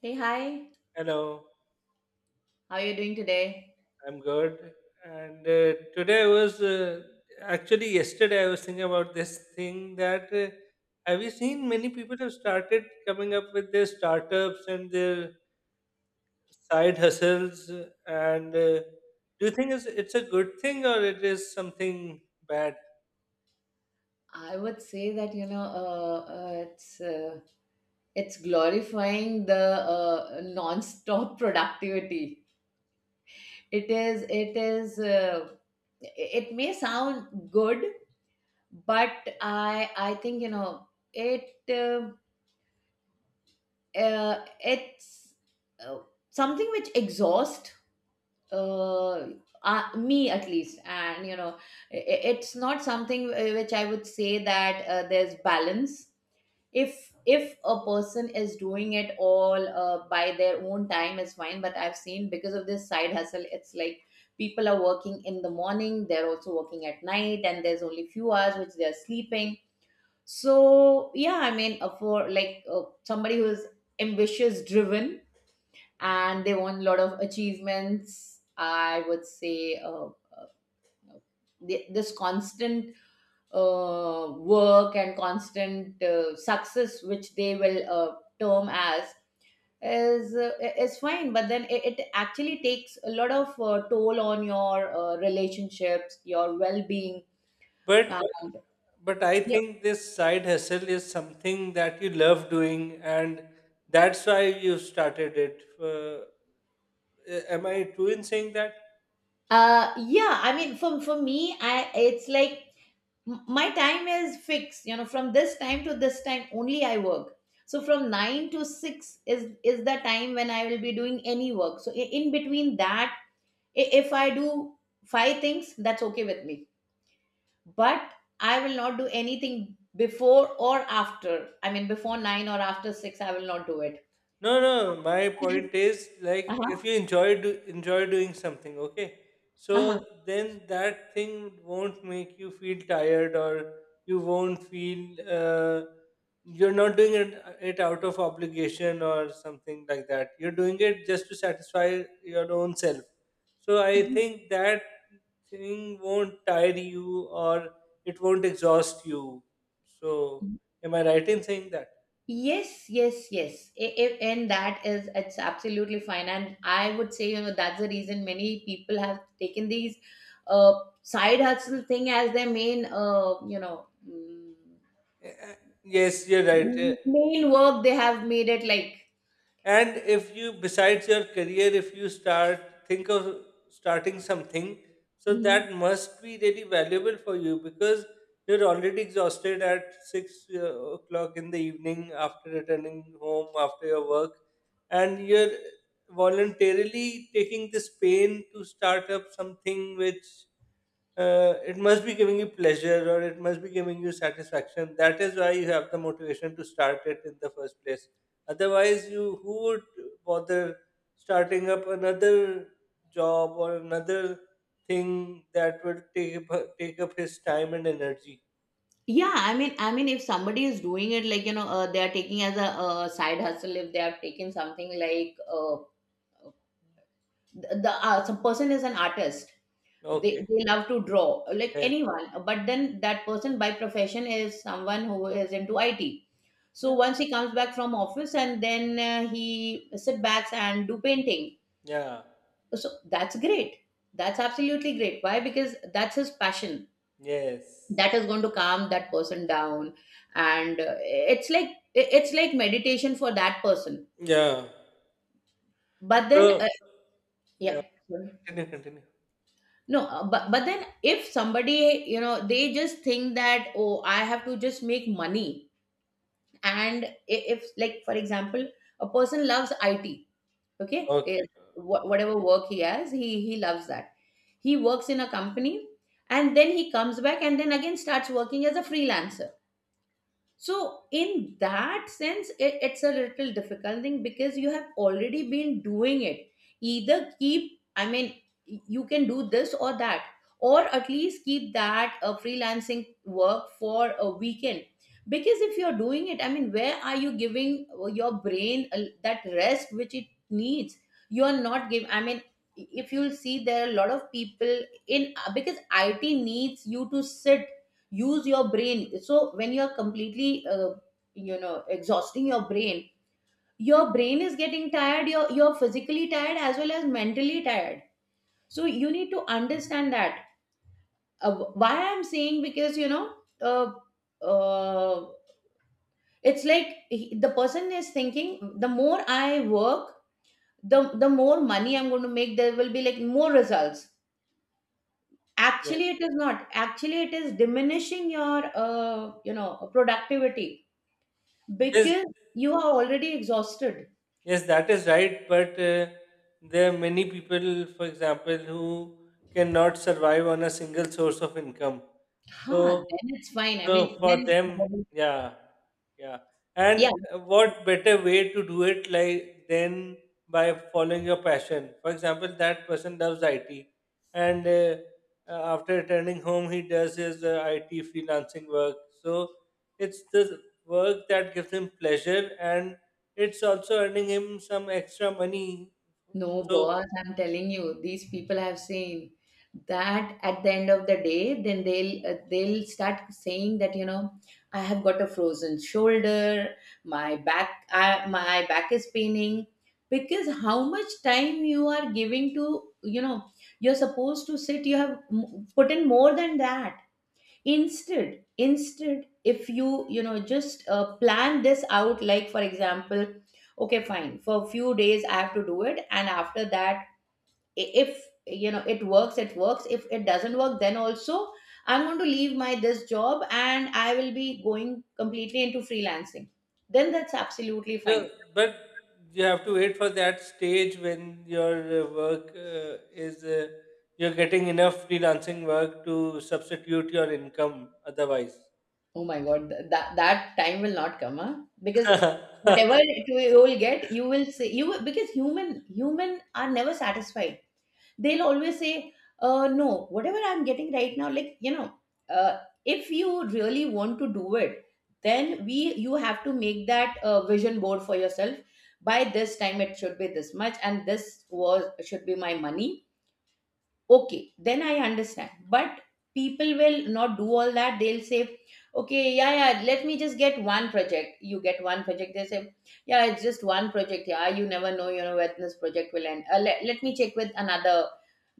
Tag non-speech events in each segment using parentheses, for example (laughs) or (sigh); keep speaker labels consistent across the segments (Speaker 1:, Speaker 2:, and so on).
Speaker 1: Hey, hi.
Speaker 2: Hello,
Speaker 1: How are you doing today?
Speaker 2: I'm good. And today I was Actually, yesterday I was thinking about this thing that, have you seen many people have started coming up with their startups and their side hustles? And Do you think it's a good thing or it is something bad?
Speaker 1: I would say that you know it's glorifying the non-stop (laughs) productivity. It is it may sound good, but I think you know it's uh, something which exhausts uh, me at least, and you know it's not something which I would say that there's balance. If a person is doing it all by their own time is fine, but I've seen, because of this side hustle, it's like people are working in the morning, they're also working at night, and there's only few hours which they're sleeping. So yeah, I mean, for like, somebody who's ambitious, driven, and they want a lot of achievements, I would say this constant work and constant success, which they will term as, is uh, is fine. But then it actually takes a lot of toll on your relationships, your well being,
Speaker 2: But
Speaker 1: and
Speaker 2: but I
Speaker 1: yeah,
Speaker 2: think this side hustle is something that you love doing, and that's why you started it. Am I true in saying that?
Speaker 1: yeah. I mean, for me, I it's like my time is fixed. You know, from this time to this time only I work. So from 9 to 6 is the time when I will be doing any work. So in between that, if I do 5 things, that's okay with me. But I will not do anything before or after. I mean, before 9 or after 6, I will not do it.
Speaker 2: No, no. My point is like if
Speaker 1: Uh-huh.
Speaker 2: you enjoy doing something, okay. So
Speaker 1: Uh-huh.
Speaker 2: then that thing won't make you feel tired, or you won't feel you're not doing it out of obligation or something like that. You're doing it just to satisfy your own self. So
Speaker 1: Y-
Speaker 2: I
Speaker 1: y-
Speaker 2: think that thing won't tire you or it won't exhaust you. So am I right in saying that?
Speaker 1: yes, yes, yes. If and that is, it's absolutely fine, and I would say, you know, that's the reason many people have taken these uh, side hustle thing as their main, you know mm,
Speaker 2: Eh, eh, Yes, you're right.
Speaker 1: main work. They have made it like,
Speaker 2: And if you, besides your career, if you start, think of starting something, so
Speaker 1: mhm.
Speaker 2: that must be really valuable for you because you're already exhausted at six o'clock in the evening after returning home after your work, and you're voluntarily taking this pain to start up something which, it must be giving you pleasure or it must be giving you satisfaction. That is why you have the motivation to start it in the first place. Otherwise, you who would bother starting up another job or another thing that will take up his time and energy?
Speaker 1: Yeah, I mean, if somebody is doing it, like, you know, they are taking as a side hustle. If they have taken something like, the some person is an artist,
Speaker 2: Okay.
Speaker 1: they love to draw, like
Speaker 2: Yes.
Speaker 1: anyone. But then that person by profession is someone who is into IT. So
Speaker 2: Yeah.
Speaker 1: once he comes back from office and then he sit back and do painting.
Speaker 2: Yeah.
Speaker 1: So that's great. That's absolutely great. Why? Because that's his passion
Speaker 2: Yes.
Speaker 1: that is going to calm that person down, and it's like, it's like meditation for that person,
Speaker 2: Yeah.
Speaker 1: but then
Speaker 2: So yeah.
Speaker 1: yeah.
Speaker 2: Continue. Continue.
Speaker 1: No, but but then if somebody, you know, they just think that, oh, I have to just make money, and i- if, like, for example, a person loves it, okay. Eh,
Speaker 2: Okay.
Speaker 1: whatever work he has, he loves that. He works in a company, and then he comes back, and then again starts working as a freelancer. So, in that sense, it's a little difficult thing because you have already been doing it. Either keep, I mean, you can do this or that, or at least keep that freelancing work for a weekend. Because if you're doing it, I mean, where are you giving your brain that rest which it needs? You're not giving, I mean, if you'll see, there are a lot of people in because IT needs you to sit, use your brain, so when you're completely exhausting your brain, your brain is getting tired, you're physically tired as well as mentally tired. So you need to understand that, why I'm saying, because, you know, uh, uh, it's like, the person is thinking, the more I work, the more money I'm going to make, there will be like more results.
Speaker 2: Yes.
Speaker 1: Actually, it is not, actually it is diminishing your, you know, productivity,
Speaker 2: Yes.
Speaker 1: because you are already exhausted.
Speaker 2: Yes, that is right. But there are many people, for example, who cannot survive on a single source of income.
Speaker 1: Huh,
Speaker 2: So,
Speaker 1: then it's fine. I
Speaker 2: so
Speaker 1: mean,
Speaker 2: for
Speaker 1: when
Speaker 2: them,
Speaker 1: somebody,
Speaker 2: yeah, yeah. And
Speaker 1: yeah,
Speaker 2: what better way to do it like than by following your passion? For example, that person loves IT, and after returning home, he does his IT freelancing work. So it's the work that gives him pleasure and it's also earning him some extra money.
Speaker 1: no
Speaker 2: So,
Speaker 1: boss, I'm telling you, these people have seen that at the end of the day, then they'll start saying that, you know, I have got a frozen shoulder, my back, I, my back is paining, because how much time you are giving to, you know, you're supposed to sit, you have put in more than that. Instead, if you, you know, just plan this out, like, for example, okay, fine, for a few days I have to do it, and after that, if, you know, it works, it works. If it doesn't work, then also I'm going to leave my this job and I will be going completely into freelancing, then that's absolutely
Speaker 2: no,
Speaker 1: fine.
Speaker 2: but you have to wait for that stage when your work is you're getting enough freelancing work to substitute your income otherwise.
Speaker 1: Oh my god, that that time will not come, huh? Because
Speaker 2: (laughs)
Speaker 1: whatever it will, you will get, you will say, you will, because human are never satisfied. They'll always say, no, whatever I'm getting right now, like, you know, uh if you really want to do it, then we you have to make that vision board for yourself, by this time it should be this much and this was, should be my money, okay, then I understand. But people will not do all that. They'll say, okay, yeah, yeah, let me just get one project. You get one project, they say, yeah, it's just one project. Yeah, you never know, you know, when this project will end. Let me check with another.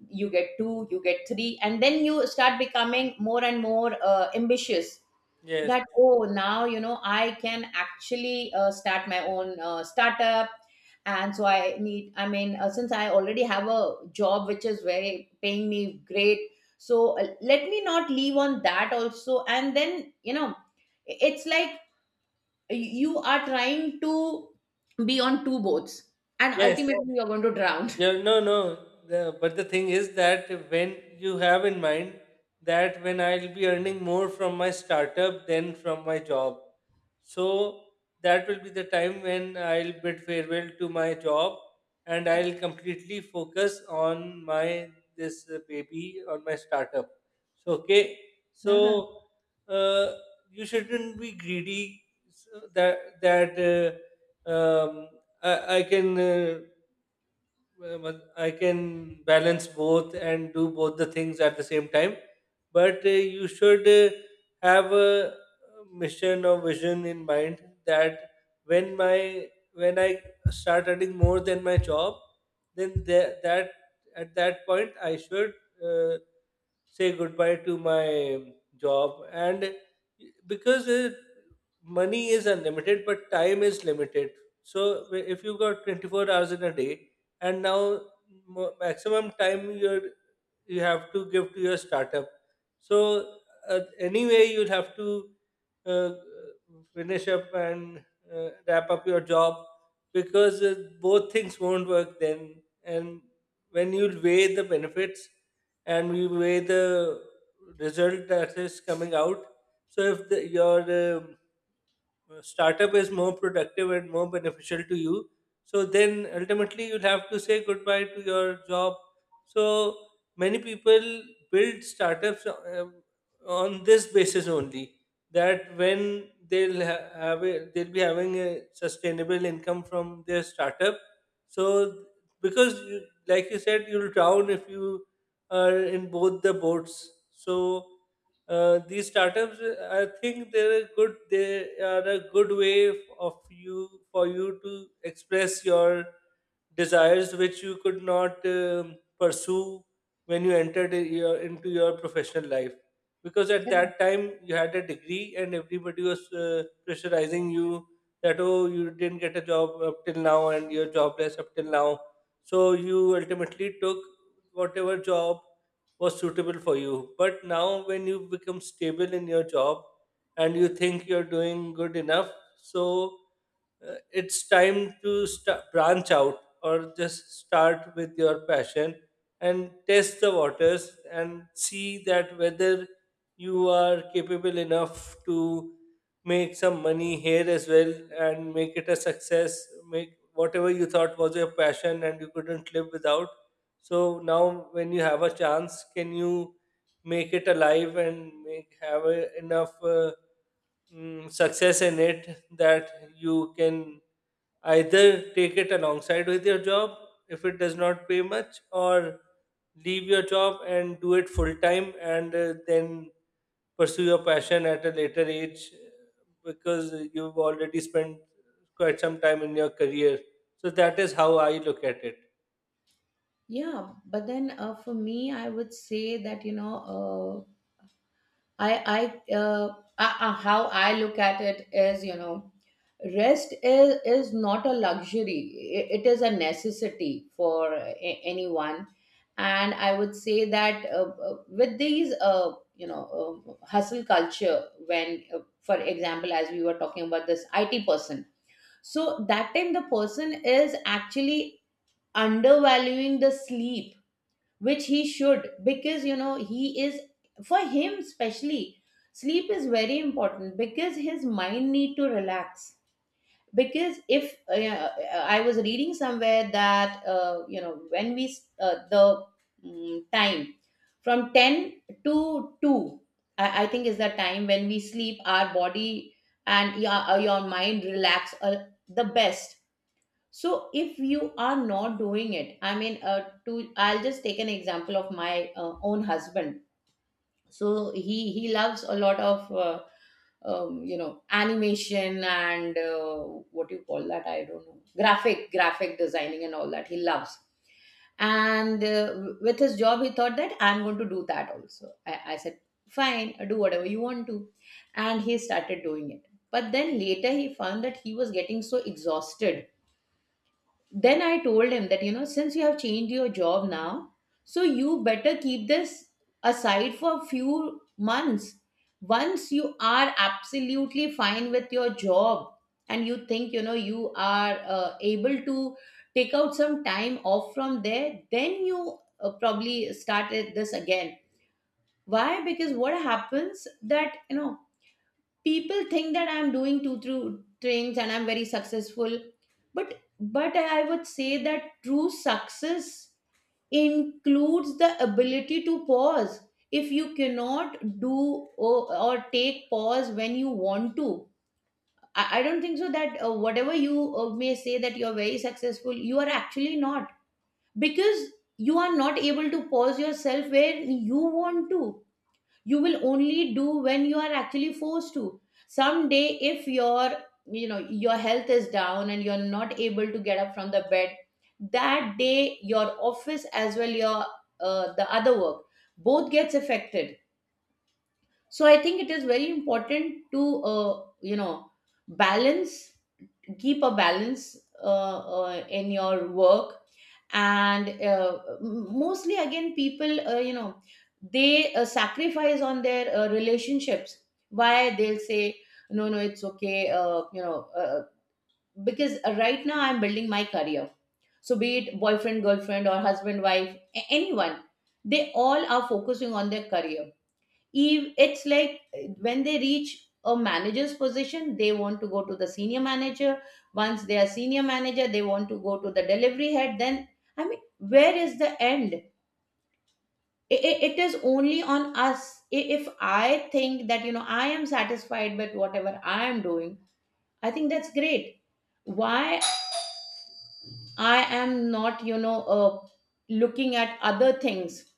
Speaker 1: You get two, you get three, and then you start becoming more and more ambitious,
Speaker 2: yes,
Speaker 1: that oh, now, you know, I can actually start my own startup, and so I need, I mean, since I already have a job which is very paying me great, so let me not leave on that also. And then, you know, it's like you are trying to be on two boats and
Speaker 2: yes,
Speaker 1: ultimately you're going to drown. (laughs)
Speaker 2: Yeah, no, no. But the thing is that when you have in mind that when I'll be earning more from my startup than from my job, so that will be the time when I'll bid farewell to my job and I'll completely focus on my this baby, on my startup. So okay,
Speaker 1: Uh-huh.
Speaker 2: so uh, you shouldn't be greedy. So that that uh, um, I can. But I can balance both and do both the things at the same time. But you should have a mission or vision in mind that when my when I start earning more than my job, then tha- that at that point I should uh, say goodbye to my job. And because money is unlimited but time is limited, so if you got 24 hours in a day and now maximum time you're you have to give to your startup. So anyway, you'll have to uh, finish up and wrap up your job because both things won't work then. And when you weigh the benefits and you weigh the result that is coming out, so if your startup is more productive and more beneficial to you, so then ultimately you'll have to say goodbye to your job. So many people build startups on this basis only, that when they'll be having a sustainable income from their startup. So because you, like you said, you'll drown if you are in both the boats. So these startups, I think they are a good way of you for you to express your desires, which you could not pursue when you entered I- your, into your professional life, because at that time you had a degree and everybody was pressurizing you that, oh, you didn't get a job up till now and you're jobless up till now. So you ultimately took whatever job was suitable for you. But now, when you become stable in your job and you think you're doing good enough, so it's time to sta branch out or just start with your passion and test the waters and see that whether you are capable enough to make some money here as well and make it a success. Make whatever you thought was your passion and you couldn't live without, so now, when you have a chance, can you make it alive and make have enough, success in it that you can either take it alongside with your job if it does not pay much, or leave your job and do it full time, and then pursue your passion at a later age, because you've already spent quite some time in your career. So that is how I look at it.
Speaker 1: Yeah, but then for me, I would say that, you know, I how I look at it is, you know, rest is not a luxury. It is a necessity for anyone, and I would say that with these, you know, hustle culture. When, for example, as we were talking about this IT person, so that time the person is actually undervaluing the sleep which he should, because, you know, he is, for him especially, sleep is very important because his mind need to relax. Because if I was reading somewhere that, you know, when we, the time from 10 to 2, I think is the time when we sleep, our body and your mind relax the best. So if you are not doing it, I mean, to, I'll just take an example of my own husband. So he loves a lot of you know, animation and what do you call that, I don't know, graphic designing and all that, he loves. And with his job, he thought that I'm going to do that also. I said, fine, do whatever you want to. And he started doing it, but then later he found that he was getting so exhausted. Then I told him that, you know, since you have changed your job now, so you better keep this aside for a few months. Once you are absolutely fine with your job, and you think, you know, you are able to take out some time off from there, then you probably start this again. Why? Because what happens that, you know, people think that I'm doing two through things and I'm very successful, but but I would say that true success includes the ability to pause. If you cannot do, or take pause when you want to, I don't think so that whatever you may say that you're very successful, you are actually not, because you are not able to pause yourself where you want to. You will only do when you are actually forced to. Someday if your, you know, your health is down, and you're not able to get up from the bed, that day your office as well your the other work, both gets affected. So I think it is very important to, you know, balance, keep a balance in your work. And mostly again, people, you know, they sacrifice on their relationships. Why? They'll say, no, no, it's okay, you know, because, right now I'm building my career. So be it boyfriend, girlfriend, or husband, wife, anyone, they all are focusing on their career. If it's like, when they reach a manager's position, they want to go to the senior manager. Once they are senior manager, they want to go to the delivery head. Then, I mean, where is the end? It is only on us. If I think that, you know, I am satisfied with whatever I am doing, I think that's great. Why I am not, you know, looking at other things.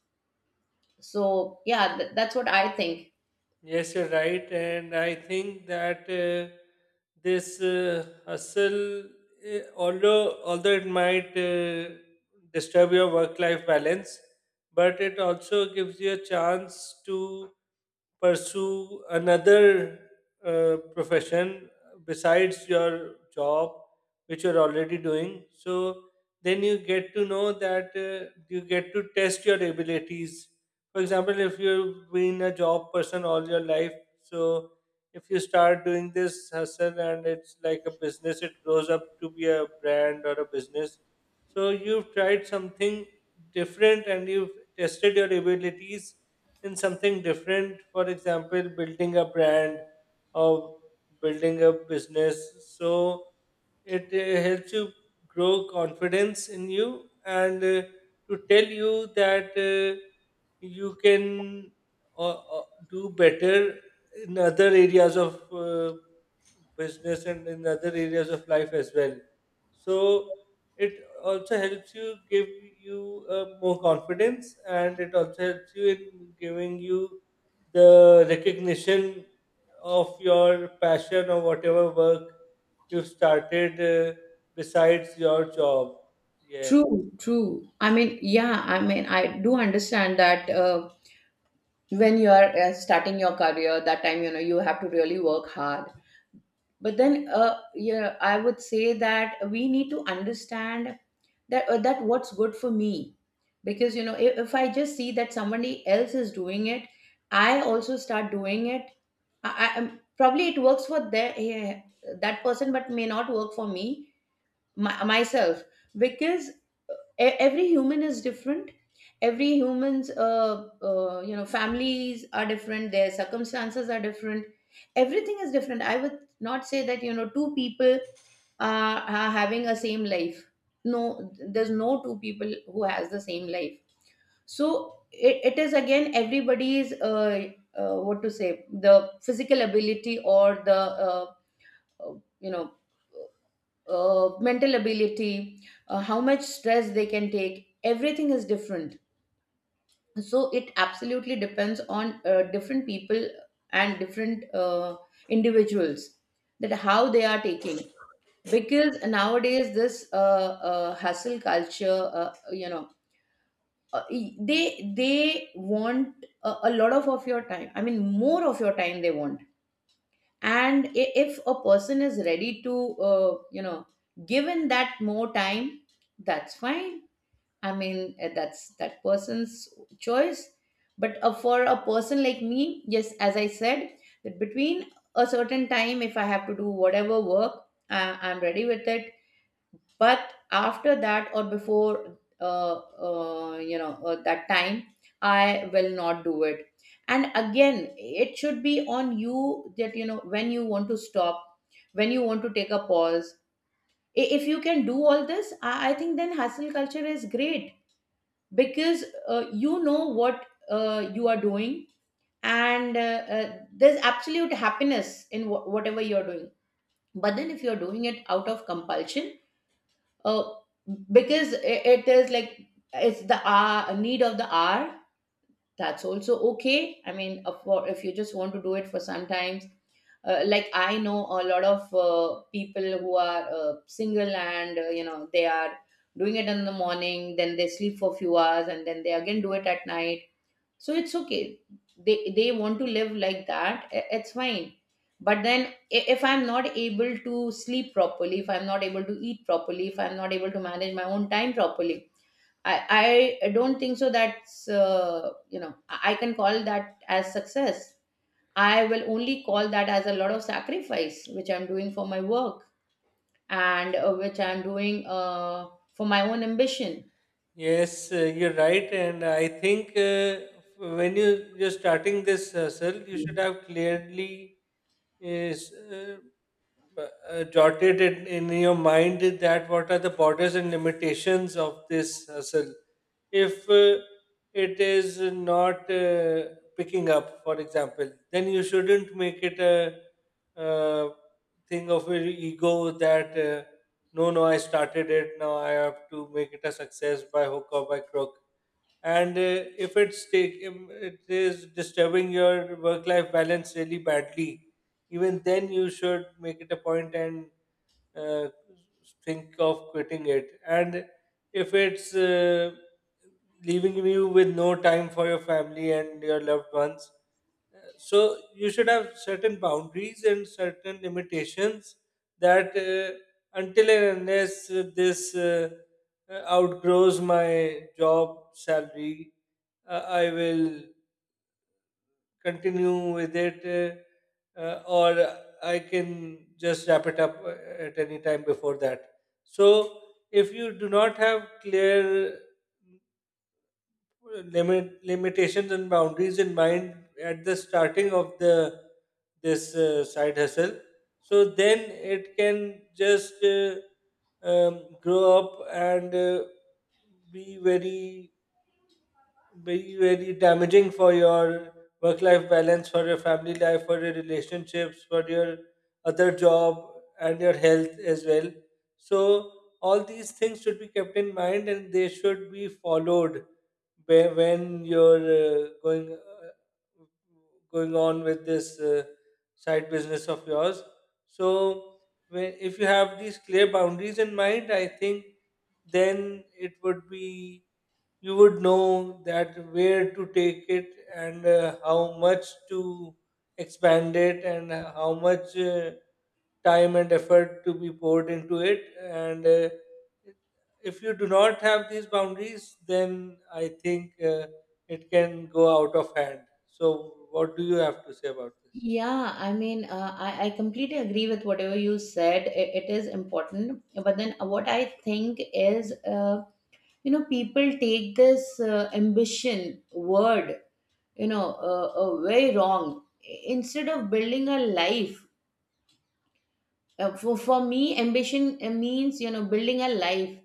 Speaker 1: So, yeah, that's what I think.
Speaker 2: Yes, you're right, and I think that this hustle, although it might disturb your work-life balance, but it also gives you a chance to pursue another profession besides your job, which you're already doing. So then you get to know that, you get to test your abilities. For example, if you've been a job person all your life, so if you start doing this hustle and it's like a business, it grows up to be a brand or a business, so you've tried something different and you've tested your abilities in something different, for example building a brand or building a business. So it helps you grow confidence in you, and to tell you that you can uh, uh, do better in other areas of business and in other areas of life as well. So it also helps you give you more confidence, and it also helps you in giving you the recognition of your passion or whatever work you've started besides your job. Yeah.
Speaker 1: True, true. I mean, yeah, I mean, I do understand that when you are starting your career, that time, you know, you have to really work hard. But then, yeah, I would say that we need to understand that what's good for me, because you know, if I just see that somebody else is doing it, I also start doing it. Probably it works for their, that person, but may not work for me, myself, because every human is different. Every human's, you know, families are different, their circumstances are different, everything is different. I would not say that, you know, two people are having a same life. No, there's no two people who has the same life. So it is again everybody's, what to say, the physical ability or the uh, you know, mental ability, how much stress they can take. Everything is different. So it absolutely depends on different people and different individuals, that how they are taking. Because nowadays this hustle culture, you know, they want a lot of your time. I mean, more of your time they want. And if a person is ready to, you know, given that more time, that's fine. I mean, that's that person's choice. But for a person like me, yes, as I said, that between a certain time, if I have to do whatever work, I'm ready with it. But after that or before, you know, that time, I will not do it. And again, it should be on you, that you know when you want to stop, when you want to take a pause. If you can do all this, I think then hustle culture is great, because you know what you are doing, and uh, there's absolute happiness in whatever you're doing. But then if you're doing it out of compulsion, uh, because it is like, it's the need of the hour. That's also okay. I mean, for, if you just want to do it for sometimes, like I know a lot of people who are single, and you know, they are doing it in the morning, then they sleep for few hours, and then they again do it at night. So it's okay, they want to live like that. It's fine. But then, if I'm not able to sleep properly, if I'm not able to eat properly, if I'm not able to manage my own time properly, I don't think so that's, you know, I can call that as success. I will only call that as a lot of sacrifice which I'm doing for my work, and which I'm doing for my own ambition.
Speaker 2: Yes, you're right. And I think when you're starting this hustle, you should have clearly is, uh, jotted it in your mind that what are the borders and limitations of this hustle. If it is not picking up, for example, then you shouldn't make it a uh thing of your ego that, no, no, I started it, now I have to make it a success by hook or by crook. And if it is disturbing your work life balance really badly, even then you should make it a point and uh, think of quitting it. And if it's leaving you with no time for your family and your loved ones, so you should have certain boundaries and certain limitations, that until and unless this outgrows my job salary, I will continue with it, or I can just wrap it up at any time before that. So if you do not have clear limitations and boundaries in mind at the starting of the this side hustle, so then it can just grow up and be very be very damaging for your work life balance, for your family life, for your relationships, for your other job, and your health as well. So, all these things should be kept in mind and they should be followed when you're going on with this side business of yours. So, if you have these clear boundaries in mind, I think then it would be you would know that where to take it, and how much to expand it, and how much time and effort to be poured into it. And if you do not have these boundaries, then I think it can go out of hand. So what do you have to say about this?
Speaker 1: Yeah, I mean, I completely agree with whatever you said. It is important. But then what I think is, you know, people take this ambition word, you know, very wrong. Instead of building a life, for me, ambition means, you know, building a life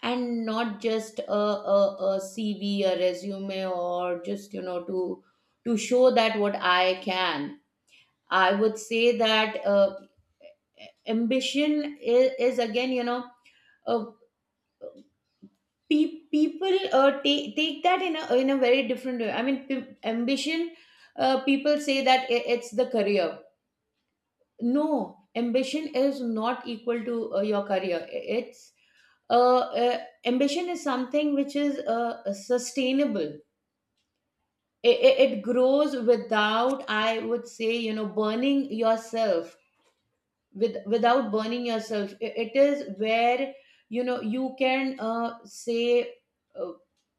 Speaker 1: and not just a CV, a resume, or just, you know, to show that what I can. I would say that. Ambition is again, you know, uh, people take that in a very different way. I mean, ambition, people say that it's the career. No, ambition is not equal to your career. It's uh, uh, ambition is something which is sustainable. It grows without, I would say, you know, burning yourself. With without burning yourself, it is where, you know, you can say, uh,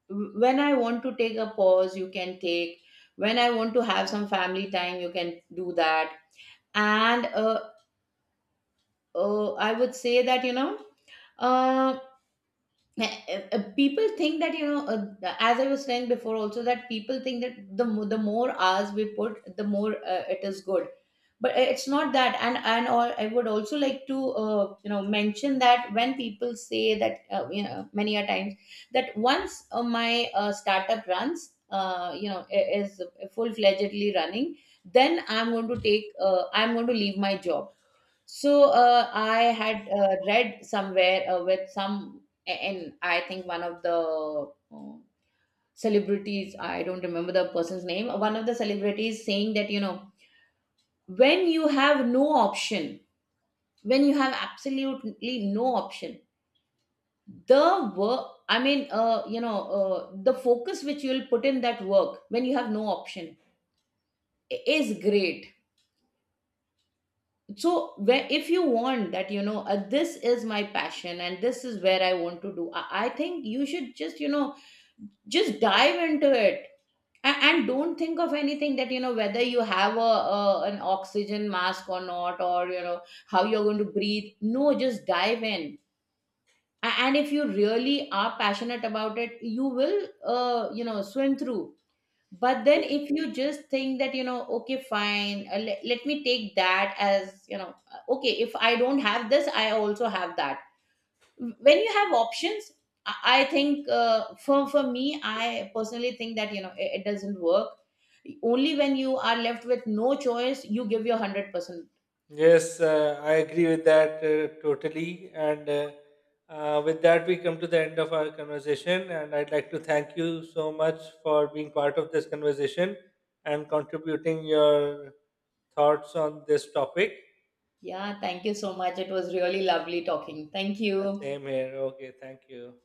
Speaker 1: when I want to take a pause, you can take. When I want to have some family time, you can do that. And I would say that, you know, um uh, people think that, you know, as I was saying before also, that people think that the more hours we put, the more it is good. But it's not that and all. I would also like to, you know, mention that, when people say that, you know, many a times, that once my startup runs, you know, is full fledgedly running, then I'm going to take I'm going to leave my job. So, I had read somewhere with some, and I think one of the celebrities, I don't remember the person's name, one of the celebrities saying that, you know, when you have no option, when you have absolutely no option, the work, I mean, you know, the focus which you'll put in that work when you have no option is great. So where, if you want that, you know, this is my passion and this is where I want to do, I think you should just, you know, just dive into it. And don't think of anything, that you know, whether you have a an oxygen mask or not, or you know, how you're going to breathe. No, just dive in. And if you really are passionate about it, you will you know, swim through. But then if you just think that, you know, okay, fine, let me take that as, you know, okay, if I don't have this, I also have that. When you have options, I think, for me, I personally think that, you know, it doesn't work. Only when you are left with no choice, you give your 100%.
Speaker 2: Yes, I agree with that totally. And with that, we come to the end of our conversation. And I'd like to thank you so much for being part of this conversation and contributing your thoughts on this topic.
Speaker 1: Yeah, thank you so much, it was really lovely talking. Thank
Speaker 2: Yeah,
Speaker 1: you.
Speaker 2: same here. Okay, thank you.